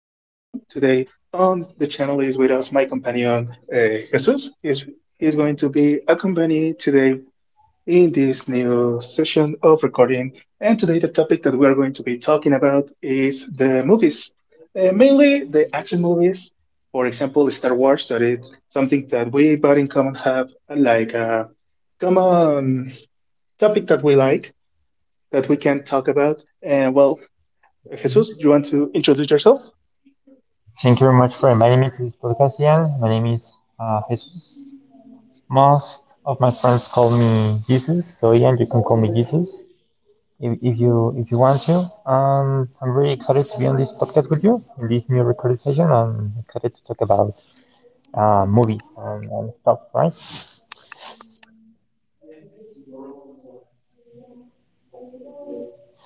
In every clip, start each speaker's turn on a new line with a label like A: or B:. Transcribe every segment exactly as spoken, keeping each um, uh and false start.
A: Today on the channel is with us my companion uh, Jesus. He's, he's going to be accompanied today in this new session of recording. And today, the topic that we are going to be talking about is the movies. Uh, mainly the action movies. For example, Star Wars, that is something that we but in common have uh, like a common topic that we like that we can talk about. And well, Jesus, you want to introduce yourself?
B: Thank you very much for inviting me to this podcast, Ian. My name is uh, Jesus. Most of my friends call me Jesus, so Ian, you can call me Jesus if, if you if you want to. Um, I'm really excited to be on this podcast with you in this new recording session. I'm excited to talk about uh, movies and, and stuff, right?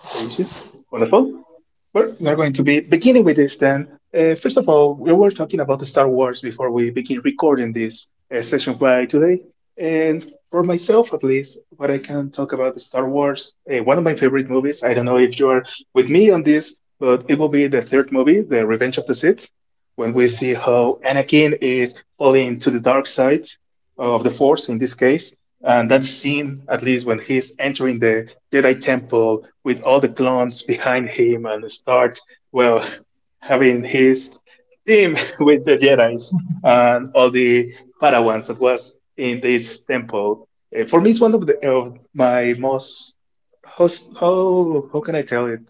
A: Okay, Jesus. Wonderful. We're, we're going to be beginning with this then. Uh, first of all, we were talking about the Star Wars before we begin recording this uh, session by today. And for myself, at least, what I can talk about the Star Wars, uh, one of my favorite movies. I don't know if you're with me on this, but it will be the third movie, The Revenge of the Sith, when we see how Anakin is falling to the dark side of the Force in this case. And that scene, at least when he's entering the Jedi Temple with all the clones behind him and start, well, having his team with the Jedi's and all the Padawans that was in this temple. Eh, For me, it's one of the of my most host, how how can I tell it?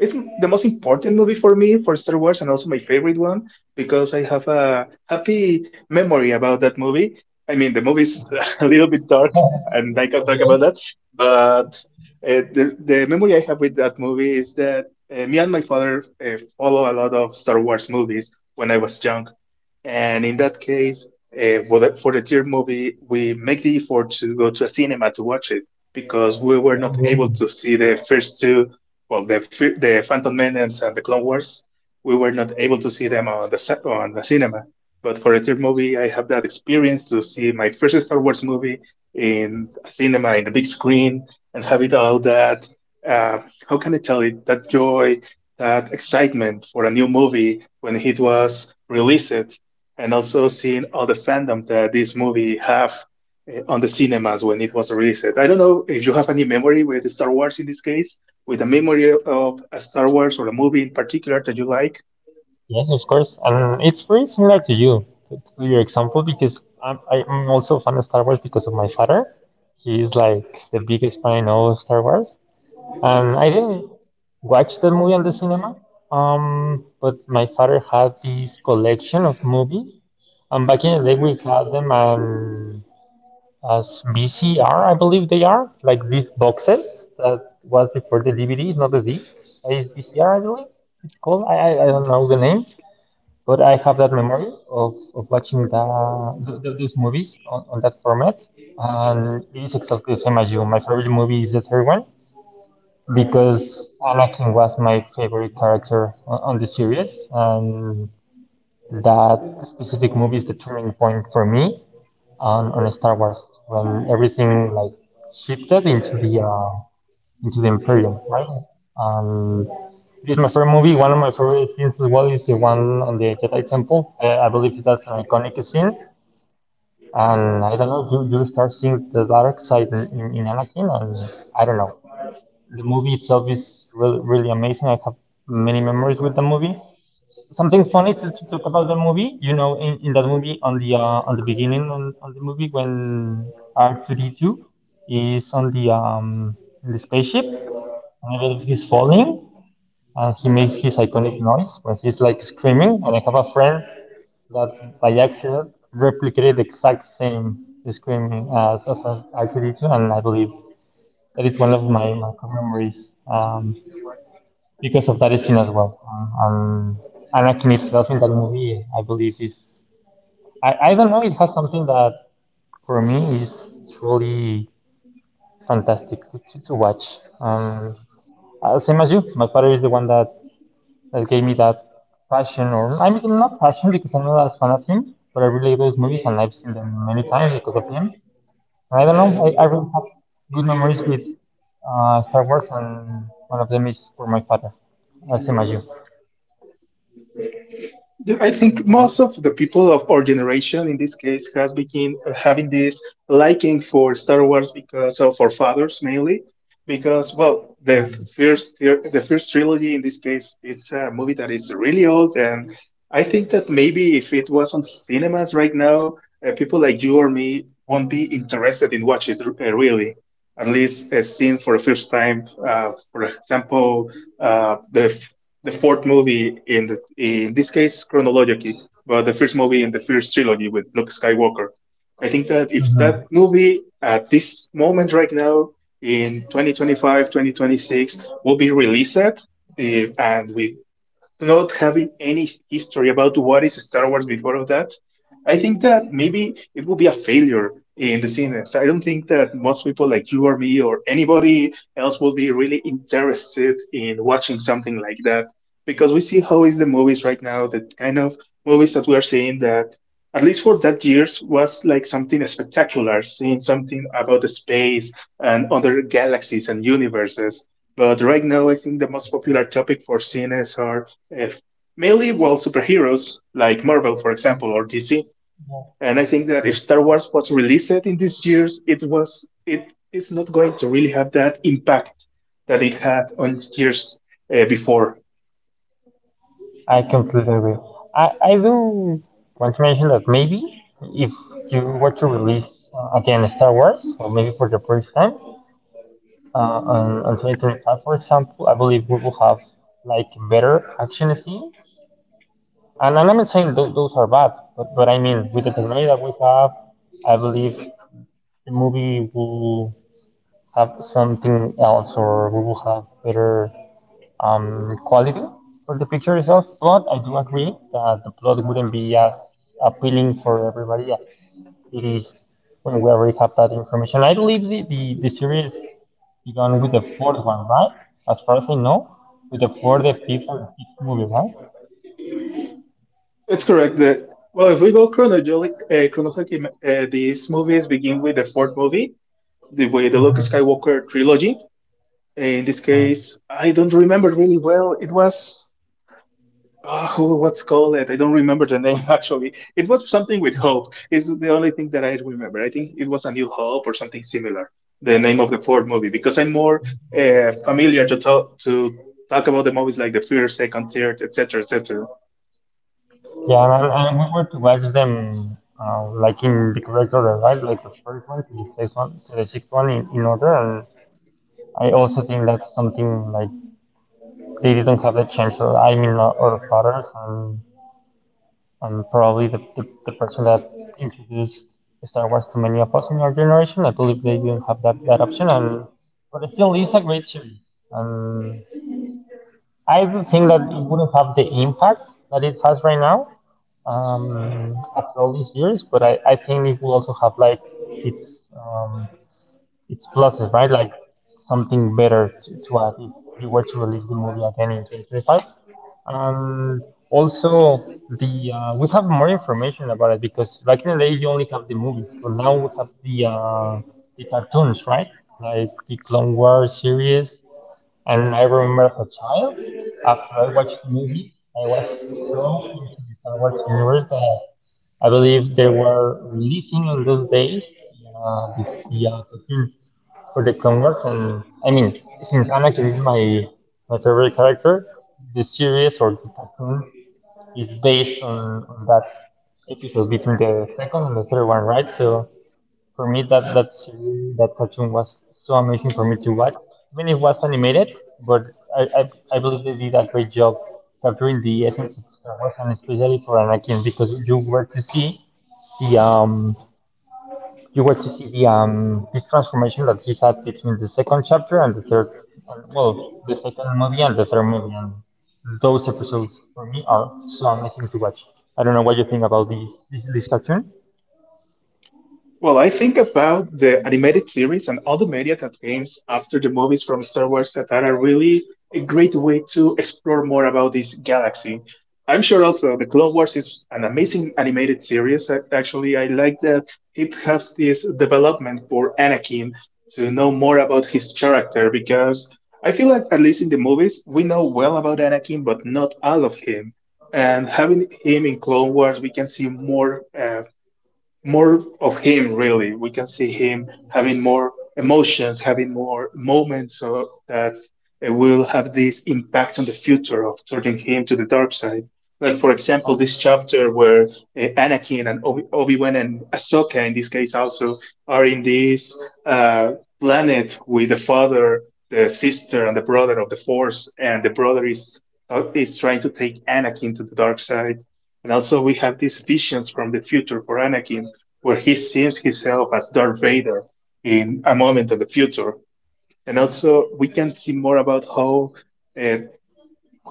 A: It's m- the most important movie for me for Star Wars and also my favorite one because I have a happy memory about that movie. I mean, the movie's a little bit dark and I can talk about
B: Yes,
A: that, but uh, the, the memory I have with that movie is that uh, me and my father uh, follow a lot of Star Wars movies when I was young. And in that case, uh, for the for the third movie, we make the effort to go to a cinema to watch it because we were not
B: um,
A: able to see the first two, well, the fir- the Phantom Menace and the Clone Wars. We were not able to see them on the ci- on the cinema. But for the third movie, I have that experience to see my first Star Wars movie in a cinema in the big screen and have it all that. Uh, how can I tell it? That joy, that excitement for a new movie when it was released and also seeing all the fandom that this movie have eh, on the cinemas when it was released. I don't know if you have any memory with Star Wars in this case, with a memory of a Star Wars or a movie in particular that you like.
B: yes, of course. And it's very similar to you, to to your example, because I'm, I'm also a fan of Star Wars because of my father. He's like the biggest fan of Star Wars. Um, I didn't watch the movie on the cinema, um, but my father had this collection of movies. And back in the day, we had them um, as V C R, I believe they are, like these boxes that was before the D V D, not the disc. Uh, It's V C R, I believe it's called. I, I, I don't know the name, but I have that memory of, of watching the, th th those movies on, on that format. And it is exactly the same as you. My favorite movie is the third one because Anakin was my favorite character on, on the series, and that specific movie is the turning point for me on, on Star Wars when everything like shifted into the uh, into the Imperium, right? Um, it's my favorite movie. One of my favorite scenes as well is the one on the Jedi Temple. Uh, I believe that's an iconic scene. And I don't know, you, you start seeing the dark side in, in, in Anakin, and I don't know, the movie itself is really, really amazing. I have many memories with the movie. Something funny to, to talk about the movie, you know, in, in that movie on the uh, on the beginning on, on the movie when R two D two is on the um in the spaceship and everything is falling and he makes his iconic noise when he's like screaming. And I have a friend that by accident replicated the exact same screaming as as R two D two, and I believe that is one of my my memories. Um, because of that scene as well. Uh, and Anakin itself in that movie, I believe, is, I, I don't know, it has something that for me is truly fantastic to, to, to watch. Um, uh, same as you, my father is the one that, that gave me that passion, or I mean, not passion because I'm not as fan as him, but I really like those movies and I've seen them many times because of him. And I don't know, I, I really have good memories with uh, Star Wars, and one of them is for my father, uh, same as you.
A: The- I think most of the people of our generation, in this case, has begin uh, having this liking for Star Wars because of our fathers mainly, because well, the first tr- the first trilogy in this case, it's a movie that is really old, and I think that maybe if it was on cinemas right now, uh, people like you or me won't be interested in watching it uh, really. At least uh, seen for the first time, uh, for example, uh, the the fourth movie in the in this case chronologically, but the first movie in the first trilogy with Luke Skywalker. I think that if
B: Mm-hmm.
A: that movie at this moment right now in twenty twenty-five, twenty twenty-six will be released, eh, and with not having any history about what is Star Wars before of that, I think that maybe it will be a failure in the cinemas. I don't think that most people like you or me or anybody else will be really interested in watching something like that because we see how is the movies right now, the kind of movies that we are seeing that at least for that years was like something spectacular, seeing something about the space and other galaxies and universes. But right now, I think the most popular topic for cinemas are if mainly well superheroes like Marvel, for example, or D C. And I think that if Star Wars was released in these years, it was it is not going to really have that impact that it had on years uh, before.
B: I completely agree. I, I do want to mention that maybe if you were to release uh, again Star Wars, or maybe for the first time uh, on, on twenty twenty-five, for example, I believe we will have like better action scenes. And, and I'm not saying th- those are bad, but, but I mean, with the technology that we have, I believe the movie will have something else or we will have better um, quality for the picture itself. But I do agree that the plot wouldn't be as appealing for everybody as it is when we already have that information. I believe the, the, the series began with the fourth one, right? As far as I know, with the fourth, the fifth, or sixth movie, right?
A: It's correct that well, if we go chronologically, uh, chronologically uh, these movies begin with the fourth movie, the with the Luke Skywalker trilogy. In this
B: Mm.
A: case, I don't remember really well. It was Ah, oh, who, what's called it? I don't remember the name actually. It was something with Hope. Is the only thing that I remember. I think it was A New Hope or something similar. The name of the Ford movie because I'm more uh, familiar to talk to talk about the movies like the first, second, third, et cetera, et cetera.
B: Yeah, and, and and we were to watch them uh, like in the correct order, right? Like the first one to the sixth one to the sixth one in, in order. And I also think that's something like they didn't have the chance. So I mean, uh, our fathers and and probably the, the, the person that introduced Star Wars to many of us in our generation. I believe they didn't have that, that option, and but it still is a great series. And I do think that it wouldn't have the impact that it has right now um, after all these years, but I, I think it will also have like its um, its pluses, right? Like something better to, to add if you were to release the movie again in twenty twenty-five. Um, also, the uh, we have more information about it because back in the day you only have the movies, but now we have the uh, the cartoons, right? Like the Clone Wars series. And I remember as a child, after I watched the movies, I was so into the Star Wars universe that I believe they were releasing in those days uh, the, the uh, cartoon for the Clone Wars. And I mean, since Anakin is my my favorite character, the series or the cartoon is based on, on that episode between the second and the third one, right? So for me, that that series, that cartoon was so amazing for me to watch. I mean, it was animated, but I, I, I believe they did a great job capturing the essence of Star Wars, and especially for Anakin, because you were to see the um you got to see the um this transformation that he had between the second chapter and the third, and, well, the second movie and the third movie, and those episodes for me are so amazing to watch. I don't know what you think about this this, this cartoon.
A: Well, I think about the animated series and all the media that came after the movies from Star Wars that are really a great way to explore more about this galaxy. I'm sure also the Clone Wars is an amazing animated series. A- Actually, I like that it has this development for Anakin to know more about his character because I feel like at least in the movies we know well about Anakin, but not all of him and having him in Clone Wars, we can see more uh, more of him really we can see him having more emotions having more moments of, that uh, will have this impact on the future of turning him to the dark side like for
B: Oh,
A: example this chapter where uh, anakin and Obi- obi-wan and ahsoka in this case also are in this uh, planet with the father the sister and the brother of the force and the brother is uh, is trying to take anakin to the dark side and also, we have these visions from the future for Anakin, where he sees himself as Darth Vader in a moment of the future. And also, we can see more about how uh,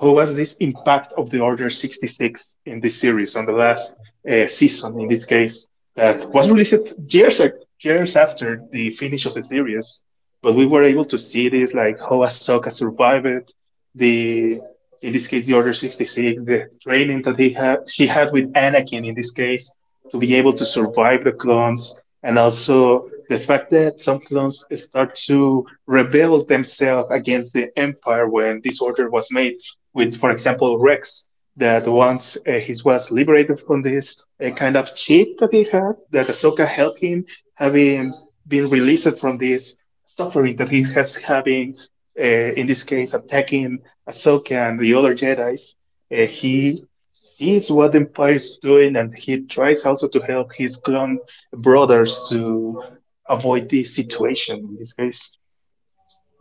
A: how was this impact of the Order sixty-six in this series on the last uh, season in this case that was released years years after the finish of the series, but we were able to see this like how Ahsoka survived the in this case the Order sixty-six, the training that he had she had with Anakin in this case to be able to survive the clones and also the fact that some clones start to rebel themselves against the empire when this order was made with, for example, Rex, that once uh, he was liberated from this uh, kind of chip that he had, that Ahsoka helped him, having been released from this suffering that he has having, uh, in this case, attacking Ahsoka and the other Jedi's. Uh, he sees what the Empire is doing, and he tries also to help his clone brothers to avoid this situation in this case.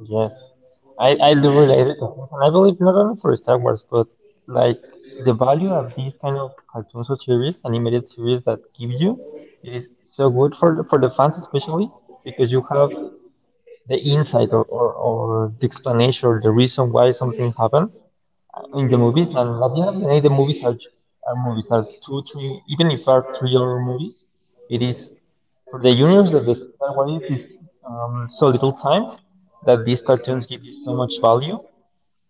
B: yes, I I do relate it, and I believe not only for Star Wars, but like the value of these kind of cartoons or series, animated series that give you, it is so good for the, for the fans especially because you have the insight or, or, or the explanation or the reason why something happened in the movies. And at the end of the day, the movies are, are movies, are two, three, even if are three hour movies, it is for the universe that the Star Wars is, is um, so little time that these cartoons give you so much value.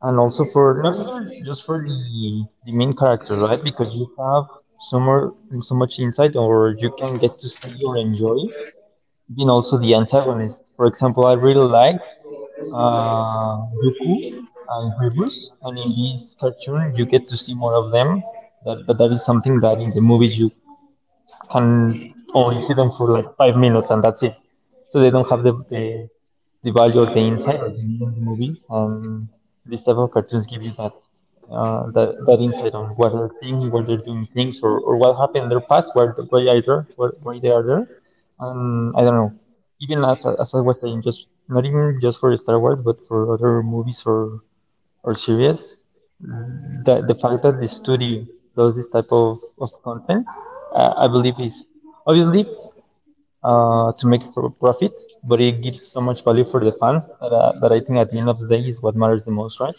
B: And also for not even just for the, the main characters, right? Because you have so more so much insight, or you can get to see or enjoy. Even also the antagonist. For example, I really liked uh, Yuku uh, in Rebus, and in this cartoon you get to see more of them. That, but that is something that in the movies you and only see them for like five minutes and that's it. So they don't have the the, the value or the insight that you need in the movies, and these type of cartoons give you that uh, that, that insight on what they're thinking, what they're doing things, or, or what happened in their past, why why are there, why, why they are there. Um, I don't know. Even as as I was saying, just not even just for Star Wars, but for other movies or or series, the the fact that the studio does this type of, of content, uh, I believe is obviously uh, to make pro- profit, but it gives so much value for the fans that, uh, that I think at the end of the day is what matters the most, right?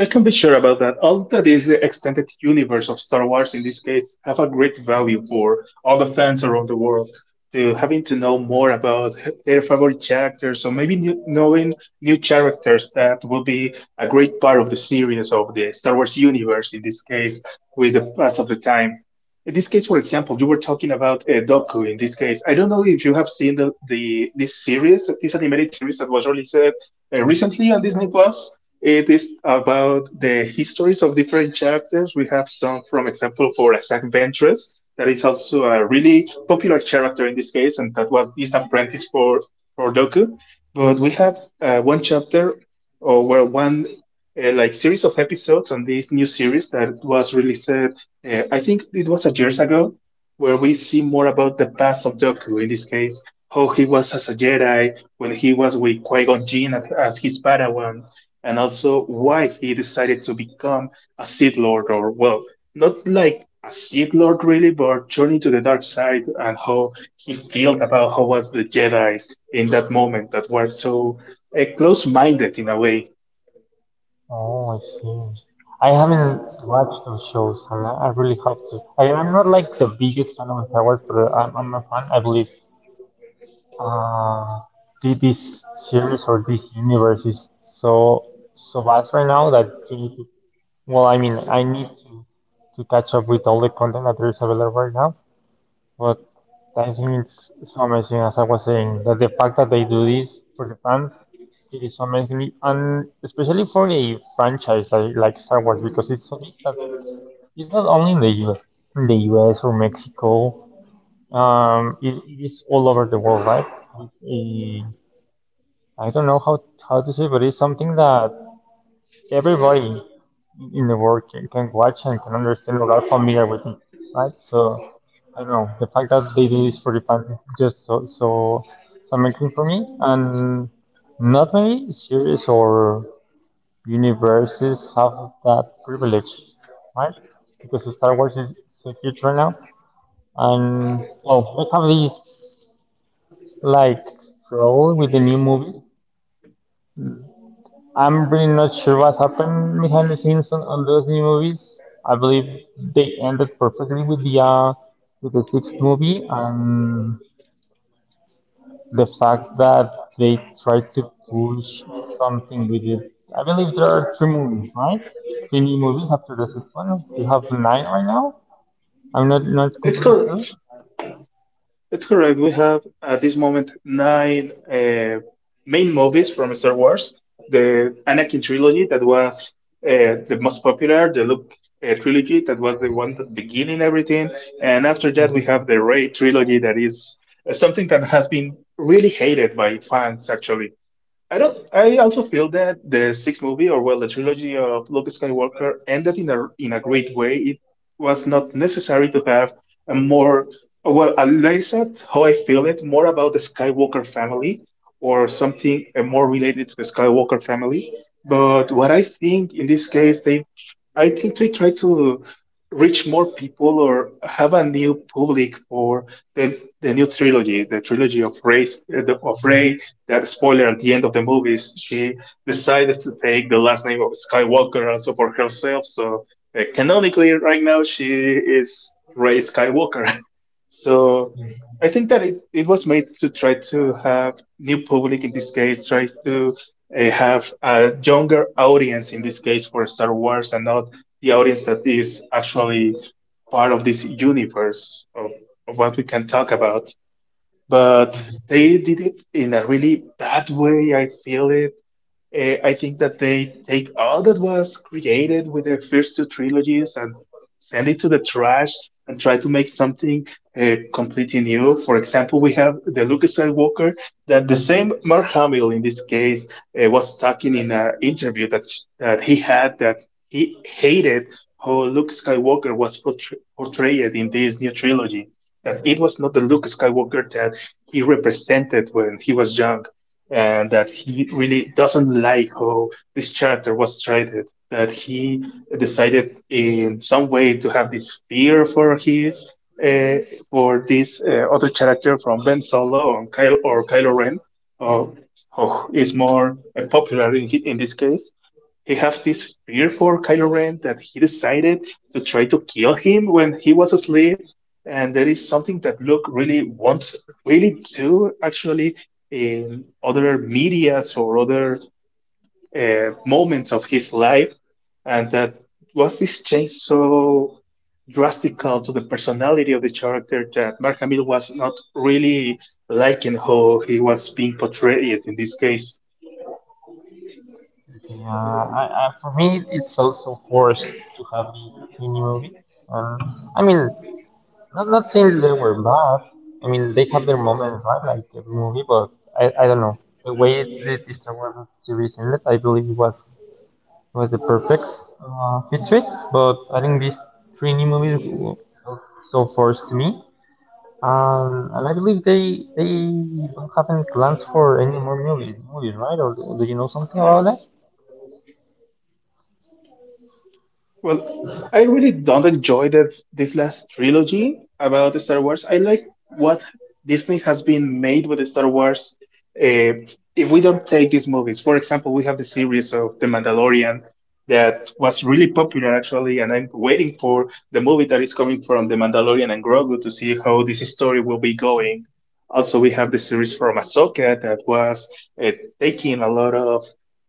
A: I can be sure about that. All that is the extended universe of Star Wars in this case have a great value for all the fans around the world to having to know more about their favorite characters or maybe new, knowing new characters that will be a great part of the series of the Star Wars universe in this case with the pass of the time. In this case, for example, you were talking about uh, Doku. In this case, I don't know if you have seen the, the this series, this animated series that was released uh, recently on Disney Plus. It is about the histories of different characters. We have some, from example, for Zack Ventress, that is also a really popular character in this case, and that was this apprentice for, for Doku. But we have uh, one chapter, or well, one uh, like series of episodes on this new series that was released, uh, I think it was a years ago, where we see more about the past of Doku. In this case, how he was as a Jedi, when he was with Qui Gon Jinn as his Padawan, and also why he decided to become a Sith Lord, or well, not like a Sith Lord really, but journey to the dark side and how he felt about how was the Jedi's in that moment that were so uh, close-minded in a way.
B: Oh, I see. I haven't watched those shows, and I I really have to. I, I'm not like the biggest fan of Star Wars, but uh, I'm, I'm a fan. I believe uh, thi- this series or this universe is so so vast right now that you, you Well, I mean, I need to, to catch up with all the content that is available right now, but I think it's so amazing, as I was saying, that the fact that they do this for the fans, it is so amazing, and especially for a franchise like, like Star Wars, because it's so big that it's not only in the U S, in the U S or Mexico, um, it, it is all over the world, right? It, eh, I don't know how, how to say, but it's something that everybody in the world can, can watch and can understand or are familiar with it, right? So I don't know, the fact that they do this for the fans is just so so so amazing for me. And not many series or universes have that privilege, right? Because Star Wars is so huge right now, and oh, they have this like role with the new movie. I'm really not sure what happened behind the scenes on, on those new movies. I believe they ended perfectly with the uh, with the sixth movie and the fact that they tried to push something with it. I believe there are three movies, right? Three new movies after the sixth one. We have nine right now. I'm not not
A: It's
B: completely sure.
A: correct. That's correct. We have at this moment nine uh, main movies from Star Wars. The Anakin trilogy that was uh, the most popular, the Luke uh, trilogy that was the one that beginning everything, and after that we have the Ray trilogy that is uh, something that has been really hated by fans actually. I don't. I also feel that the sixth movie, or well, the trilogy of Luke Skywalker, ended in a in a great way. It was not necessary to have a more, well, at least that's how I feel it, more about the Skywalker family or something uh, more related to the Skywalker family. But what I think in this case, they, I think they try to reach more people or have a new public for the the new trilogy, the trilogy of Rey, of Rey, that spoiler at the end of the movies, she decided to take the last name of Skywalker also for herself. So uh, canonically, right now, she is Rey Skywalker. So I think that it, it was made to try to have new public in this case, try to uh, have a younger audience in this case for Star Wars, and not the audience that is actually part of this universe of, of what we can talk about, but they did it in a really bad way, I feel it. Uh, I think that they take all that was created with their first two trilogies and send it to the trash and try to make something uh, completely new. For example, we have the Luke Skywalker that the same Mark Hamill in this case uh, was talking in an interview that that he had, that he hated how Luke Skywalker was portray- portrayed in this new trilogy. That it was not the Luke Skywalker that he represented when he was young, and that he really doesn't like how this character was treated. That he decided in some way to have this fear for his uh, for this uh, other character from Ben Solo or Kylo, or Kylo Ren, uh, who is more uh, popular in, in this case. He has this fear for Kylo Ren that he decided to try to kill him when he was asleep. And that is something that Luke really wants, really do actually in other medias or other uh, moments of his life. And that was this change so drastical to the personality of the character that Mark Hamill was not really liking how he was being portrayed in this case.
B: Yeah, I, I, for me, it's also forced to have three new movies. Um, I mean, I'm not saying they were bad. I mean, they have their moments, right? Like every movie, but I, I don't know. The way the the Star Wars series ended, I believe it was was the perfect uh, fit to it. But I think these three new movies w- w- so far to me, um, and I believe they they don't have any plans for any more movies, movies, right? Or do do you know something about that?
A: Well, I really don't enjoy that this last trilogy about the Star Wars. I like what Disney has been made with the Star Wars. Uh, if we don't take these movies, for example, we have the series of The Mandalorian that was really popular actually, and I'm waiting for the movie that is coming from The Mandalorian and Grogu to see how this story will be going. Also, we have the series from Ahsoka that was uh, taking a lot of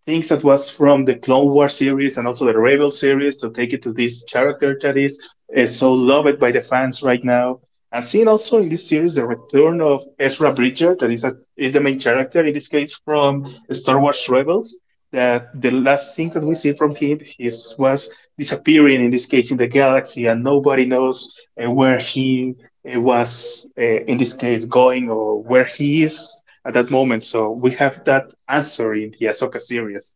A: things that was from the Clone Wars series and also the Rebel series to take it to this character that is uh, so loved by the fans right now. And seeing also in this series the return of Ezra Bridger, that is a, is the main character in this case from Star Wars Rebels. That the last thing that we see from him is was disappearing in this case in the galaxy, and nobody knows uh, where he uh, was uh, in this case going, or where he is at that moment. So we have that answer in the Ahsoka series.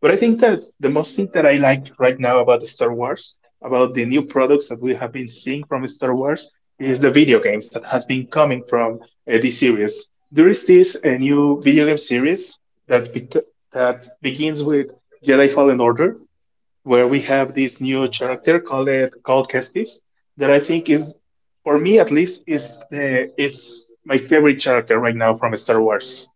A: But I think that the most thing that I like right now about the Star Wars, about the new products that we have been seeing from Star Wars, is the video games that has been coming from uh, this series. There is this uh, new video game series that bec- that begins with Jedi Fallen Order, where we have this new character called uh, called Kestis, that I think is, for me at least, is the is my favorite character right now from Star Wars.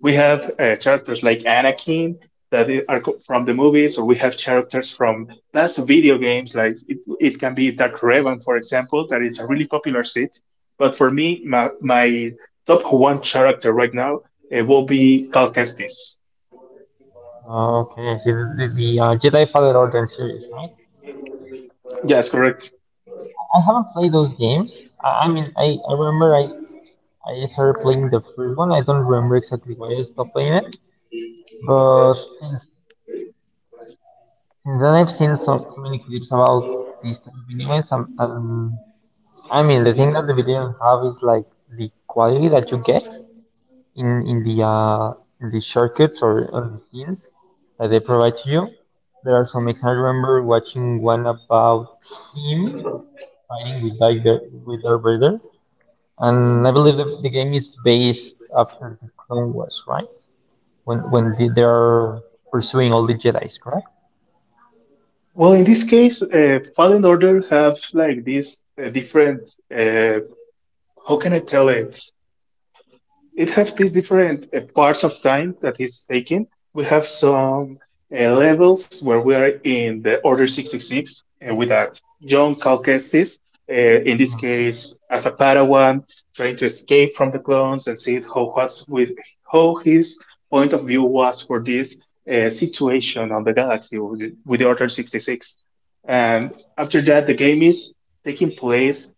A: We have uh, characters like Anakin that i- are co- from the movies, or we have characters from past video games. Like it, it can be Dark Revan, for example, that is a really popular set. But for me, my, my top one character right now uh, will be Cal Kestis.
B: Oh, okay, I see. The, the, the uh, Jedi Fallen Order series, right?
A: Yes, correct.
B: I haven't played those games. I, I mean, I, I remember I I started playing the first one. I don't remember exactly why I stopped playing it, but since, since then I've seen so, so many clips about these type of video games. Um, um, I mean, the thing that the video games have is like the quality that you get in in the uh, in the shortcuts or on the scenes that they provide to you. There are some examples. I remember watching one about him fighting with like the with Darth Vader, and I believe the, the game is based after the Clone Wars, right? when when the- they are pursuing all the Jedi's, correct?
A: Well, in this case, uh, Fallen Order have like this uh, different. Uh, how can I tell it? It has these different uh, parts of time that is taken. We have some uh, levels where we are in the Order sixty-six uh, with a young Cal Kestis, uh, in this case as a Padawan, trying to escape from the clones and see how was with how his point of view was for this uh, situation on the galaxy with, with the Order sixty-six. And after that, the game is taking place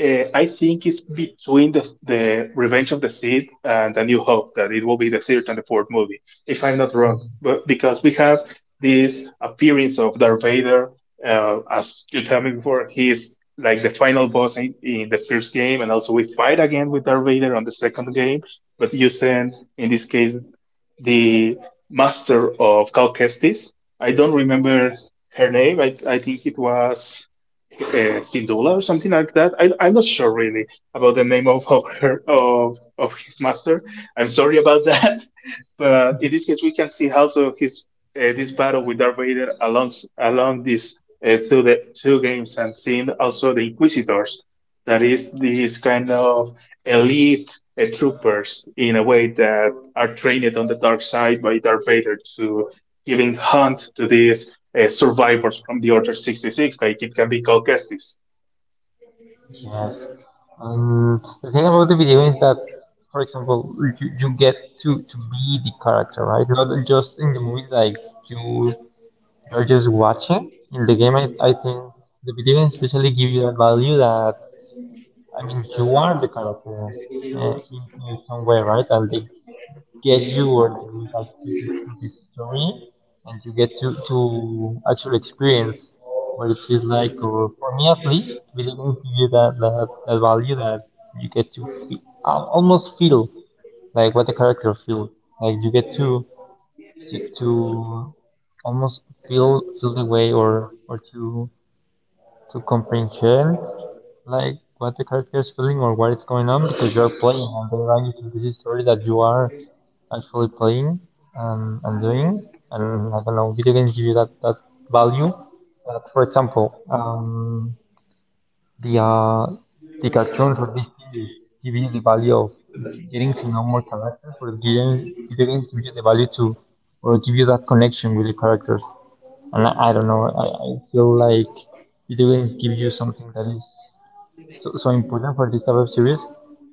A: uh, I think it's between the, the Revenge of the Sith and A New Hope, that it will be the third and the fourth movie, if I'm not wrong. But because we have this appearance of Darth Vader, uh, as you told me before, he's like the final boss in, in the first game, and also we fight again with Darth Vader on the second game, but using in this case the master of Cal Kestis. I don't remember her name. I, I think it was uh, Sindula or something like that. I, I'm not sure really about the name of, of her of of his master. I'm sorry about that, but in this case we can see also his uh, this battle with Darth Vader along along this uh, through the two games, and seeing also the Inquisitors, that is these kind of elite uh, troopers in a way that are trained on the dark side by Darth Vader to giving hunt to these uh, survivors from the Order sixty-six, like it can be called Kestis.
B: Yes. And the thing about the video is that, for example, you, you get to, to be the character, right? Not just in the movies, like you you're just watching. In the game, I, I think the video games especially give you that value that I mean you are the character uh, in, in some way, right? And they get you or the impact you get through this story, and you get to, to actually experience what it feels like, or for me at least, really going to give that, that, that value that you get to feel, almost feel like what the character feels. Like you get to, to, to almost feel, feel the way or, or to, to comprehend like what the character is feeling or what is going on because you are playing and they run you through this story that you are actually playing and, and doing. And I don't know, video games give you that, that value. That, for example, um, the uh, the cartoons or these series give you the value of getting to know more characters, or game, video games give you the value to, or give you that connection with the characters. And I, I don't know, I, I feel like video games give you something that is so, so important for this type of series.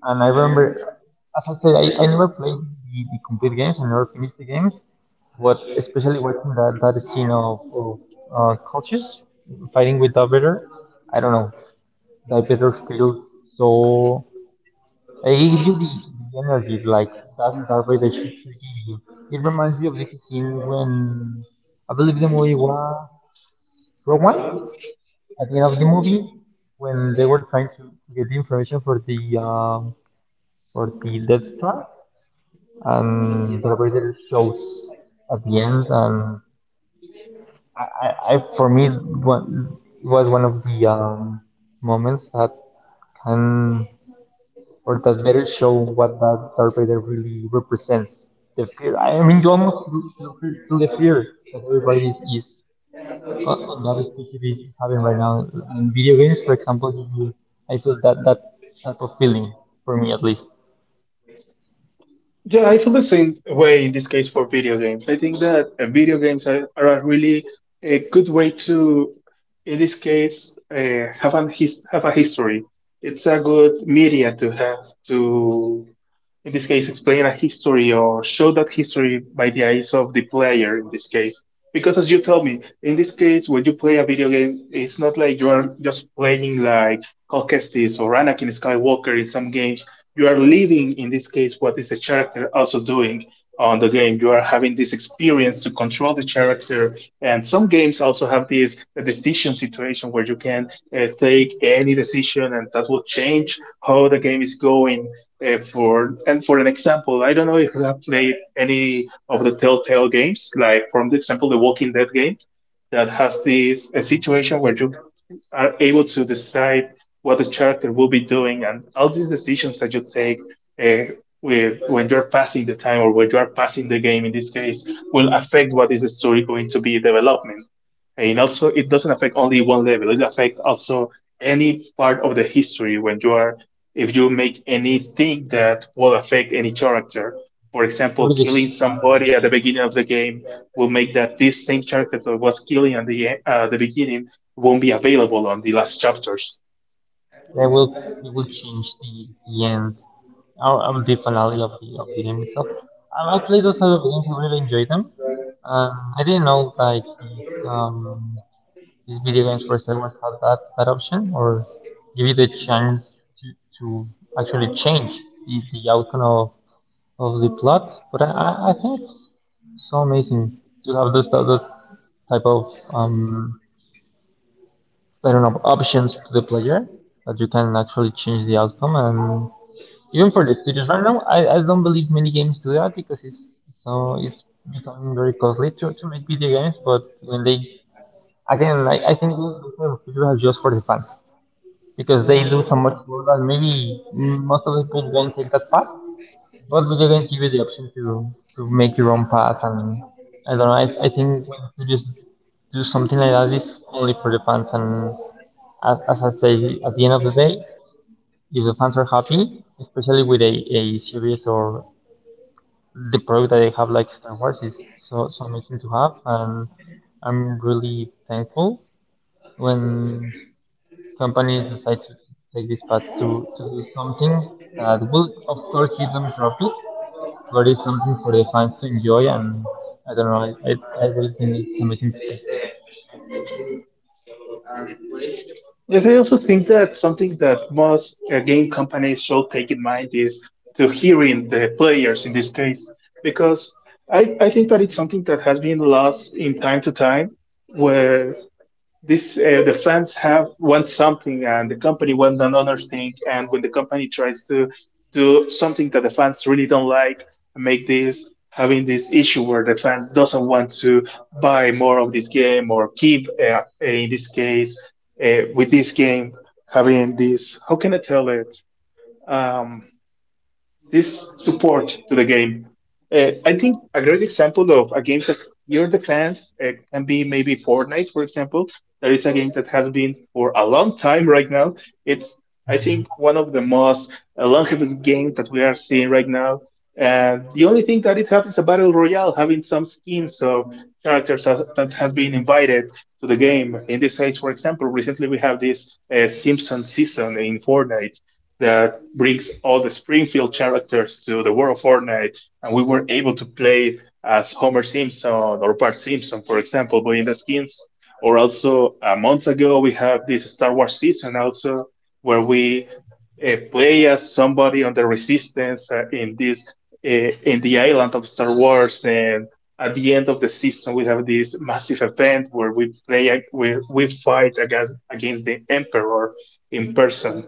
B: And I remember, as I said, I, I never played the, the complete games, I never finished the games, but especially watching that, that scene of, of uh, cultures fighting with Darth Vader, I don't know, Darth Vader feels so. It gives you the, the energy, like that Darth Vader should, should give you. It reminds me of this scene when I believe the movie was Rogue One. At the end of the movie, when they were trying to get the information for the um, for the Death Star, and Darth Vader shows at the end, and I, I, I for me, it wa- it was one of the um, moments that can or that better show what that Darth Vader really represents. The fear. I mean, you almost feel- feel- feel- the fear that everybody is, is uh, uh, that especially is having right now. In video games, for example, you, I feel that that type of feeling for me at least.
A: Yeah, I feel the same way in this case for video games. I think that uh, video games are, are a really a good way to, in this case, uh, have an his, have a history. It's a good media to have to, in this case, explain a history or show that history by the eyes of the player. In this case, because as you told me, in this case, when you play a video game, it's not like you are just playing like Cal Kestis or Anakin Skywalker in some games. You are living in this case what is the character also doing on the game. You are having this experience to control the character, and some games also have this uh, decision situation where you can uh, take any decision and that will change how the game is going, uh, for and for an example, I don't know if you have played any of the telltale games, like from the example the walking dead game, that has this a situation where you are able to decide what the character will be doing, and all these decisions that you take, uh, with, when you're passing the time or when you are passing the game in this case, will affect what is the story going to be development. And also it doesn't affect only one level, it affects also any part of the history. When you are, if you make anything that will affect any character, for example
B: Every
A: killing
B: decision
A: somebody
B: matters.
A: at the beginning of the game, will make that this same character that was killing at the, e- uh, the beginning won't be available on the last chapters.
B: They will it will change the, the end or, or the finale of the of the game itself. Um, actually, those type of games I really enjoy them. Um, I didn't know like these, um, these video games for streamers had that, that option or give you the chance to, to actually change the, the outcome of, of the plot. But I, I I think it's so amazing to have those, those type of um, I don't know options to the player that you can actually change the outcome and even for the features right now, I, I don't believe many games do that because it's so it's becoming very costly to, to make video games. But when they again, I, I think this kind of feature is just for the fans because they do so much more that maybe mm, most of the people won't take that path. But video games give you the option to to make your own path, and I don't know. I, I think when you just do something like that, it's only for the fans. And as, as I say, at the end of the day, if the fans are happy, especially with a, a series or the product that I have, like Star Wars, is so so amazing to have, and I'm really thankful when companies decide to take this path to, to do something that will, of course, give them profit, but it's something for the fans to enjoy, and I don't know, I, I, I really think it's amazing to see.
A: Yes, I also think that something that most uh, game companies should take in mind is to hearing the players in this case, because I, I think that it's something that has been lost in time to time, where this uh, the fans have want something and the company want another thing, and when the company tries to do something that the fans really don't like, make this having this issue where the fans doesn't want to buy more of this game or keep uh, in this case uh, with this game, having this, how can I tell it, um, this support to the game. Uh, I think a great example of a game that you're the fans uh, can be maybe Fortnite, for example. That is a game that has been for a long time right now. It's, I think, one of the most uh, longest games that we are seeing right now. And the only thing that it has is a battle royale, having some skins of characters that that has been invited to the game. In this case, for example, recently we have this uh, Simpson season in Fortnite that brings all the Springfield characters to the world of Fortnite, and we were able to play as Homer Simpson or Bart Simpson, for example, but in the skins. Or also, uh, months ago, we have this Star Wars season also, where we uh, play as somebody on the Resistance uh, in this uh, in the island of Star Wars, and at the end of the season, we have this massive event where we play we we fight against against the Emperor in person.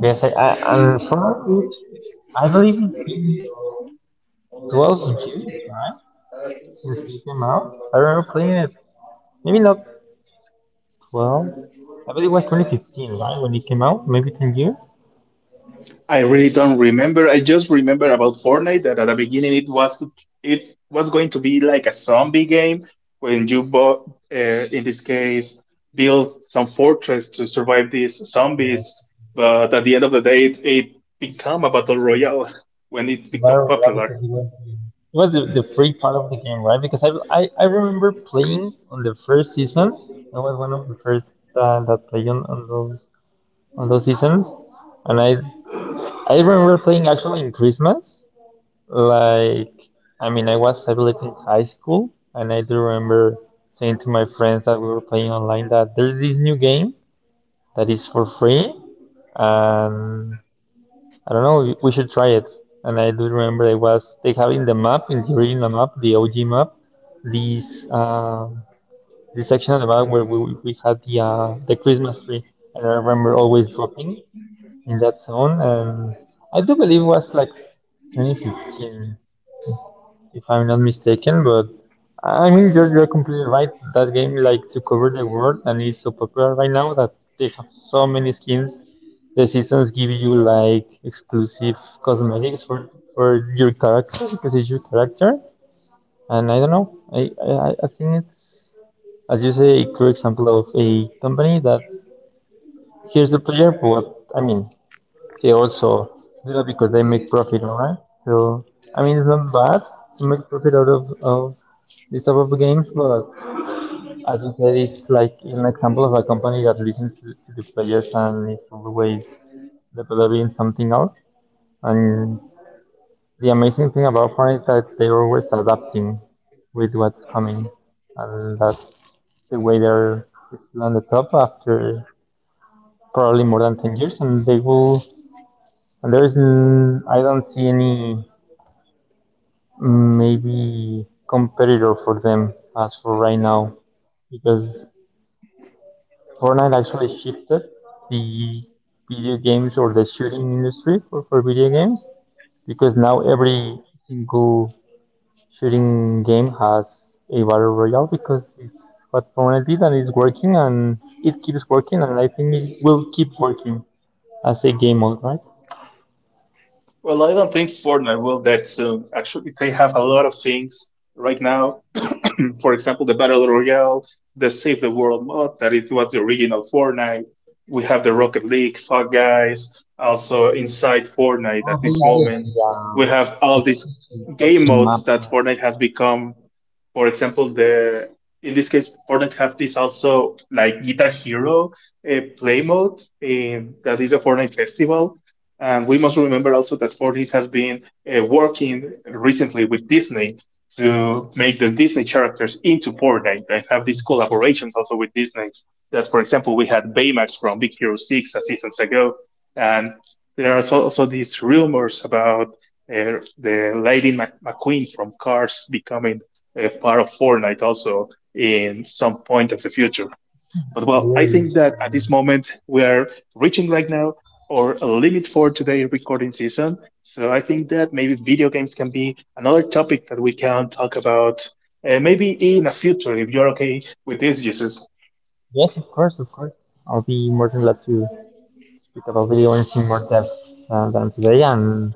B: Yes, I, I and for me, I believe it's been twelve years, right, since it came out. I remember playing it, maybe not well, I believe it was twenty fifteen, right, when it came out, maybe ten years.
A: I really don't remember. I just remember about Fortnite that at the beginning it was it was going to be like a zombie game when you bought, uh, in this case, build some fortress to survive these zombies. But at the end of the day, it, it became a battle royale when it
B: If I
A: became
B: remember right,
A: popular.
B: because it was it was the, the free part of the game, right? Because I, I, I remember playing on the first season. I was one of the first uh, that played on, on those on those seasons, and I I remember playing actually in Christmas. Like I mean, I was I believe in high school, and I do remember saying to my friends that we were playing online that there's this new game that is for free, and I don't know. We should try it. And I do remember it was they have in the map, in the original map, the O G map, this uh, this section of the map where we, we had the uh, the Christmas tree. And I remember always dropping in that zone. And I do believe it was like twenty fifteen, if I'm not mistaken. But I mean, you're, you're completely right. That game like to cover the world and is so popular right now that they have so many skins the seasons give you like exclusive cosmetics for for your character because it's your character, and I don't know. I I, I think it's as you say a clear example of a company that here's the player, but I mean they also do that because they make profit, alright? So I mean it's not bad to make profit out of of this type of games, but as you said, it's like an example of a company that listens to, to the players and is always developing something else and the amazing thing about porn is that they're always adapting with what's coming, and that's the way they're still on the top after probably more than ten years, and they will. And there's, n- I don't see any mm, maybe competitor for them as for right now because Fortnite actually shifted the video games or the shooting industry for, for video games because now every single shooting game has a battle royale because it's what Fortnite did and it's working and it keeps working and I think it will keep working as a game mode, right?
A: Well, I don't think Fortnite will that soon. Actually, they have a lot of things right now. For example, the Battle Royale, the Save the World mod, that it was the original Fortnite. We have the Rocket League, Fall Guys, also inside Fortnite
B: Oh,
A: at this
B: they added
A: moment.
B: the
A: We
B: um,
A: have all these game
B: watching
A: modes
B: map.
A: that Fortnite has become. For example, the in this case, Fortnite have this also like Guitar Hero uh, play mode, and that is a Fortnite festival. And we must remember also that Fortnite has been uh, working recently with Disney to make the Disney characters into Fortnite. They have these collaborations also with Disney. That, for example, we had Baymax from Big Hero six a seasons ago. And there are so- also these rumors about uh, the Lady Mac- McQueen from Cars becoming a part of Fortnite also in some point of the future. But well, I
B: Really?
A: think that at this moment we are reaching right now or a limit for today recording season. So I think that maybe video games can be another topic that we can talk about uh, maybe in the future if you're okay with this, Jesus.
B: Yes, of course, of course. I'll be more than glad to speak about video games in more depth uh, than today and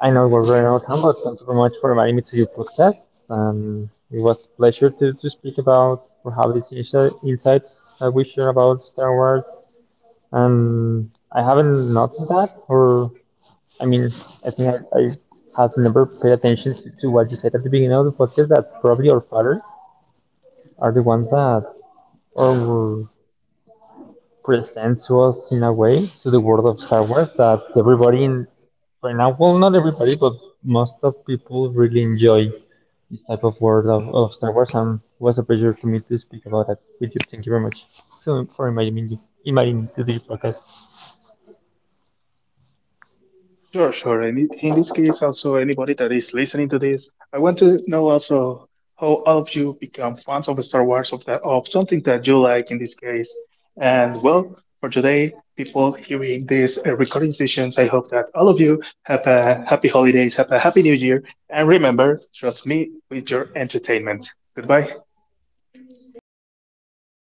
B: I know we're very out but thank you very much for inviting me to your podcast. Um, it was a pleasure to, to speak about or have these insi- insights that we share about Star Wars. Um, I haven't noticed that, or I mean, I think I, I have never paid attention to, to what you said at the beginning of the podcast that probably our fathers are the ones that or present to us in a way to the world of Star Wars that everybody in right now, well, not everybody, but most of people really enjoy this type of world of, of Star Wars, and it was a pleasure to me to speak about that with you. Thank you very much so, for inviting me, inviting me to this podcast.
A: Sure, sure. And in in this case, also anybody that is listening to this, I want to know also how all of you become fans of Star Wars, of that of something that you like in this case. And well, for today, people hearing this uh, recording sessions, I hope that all of you have a happy holidays, have a happy new year, and remember, trust me with your entertainment. Goodbye.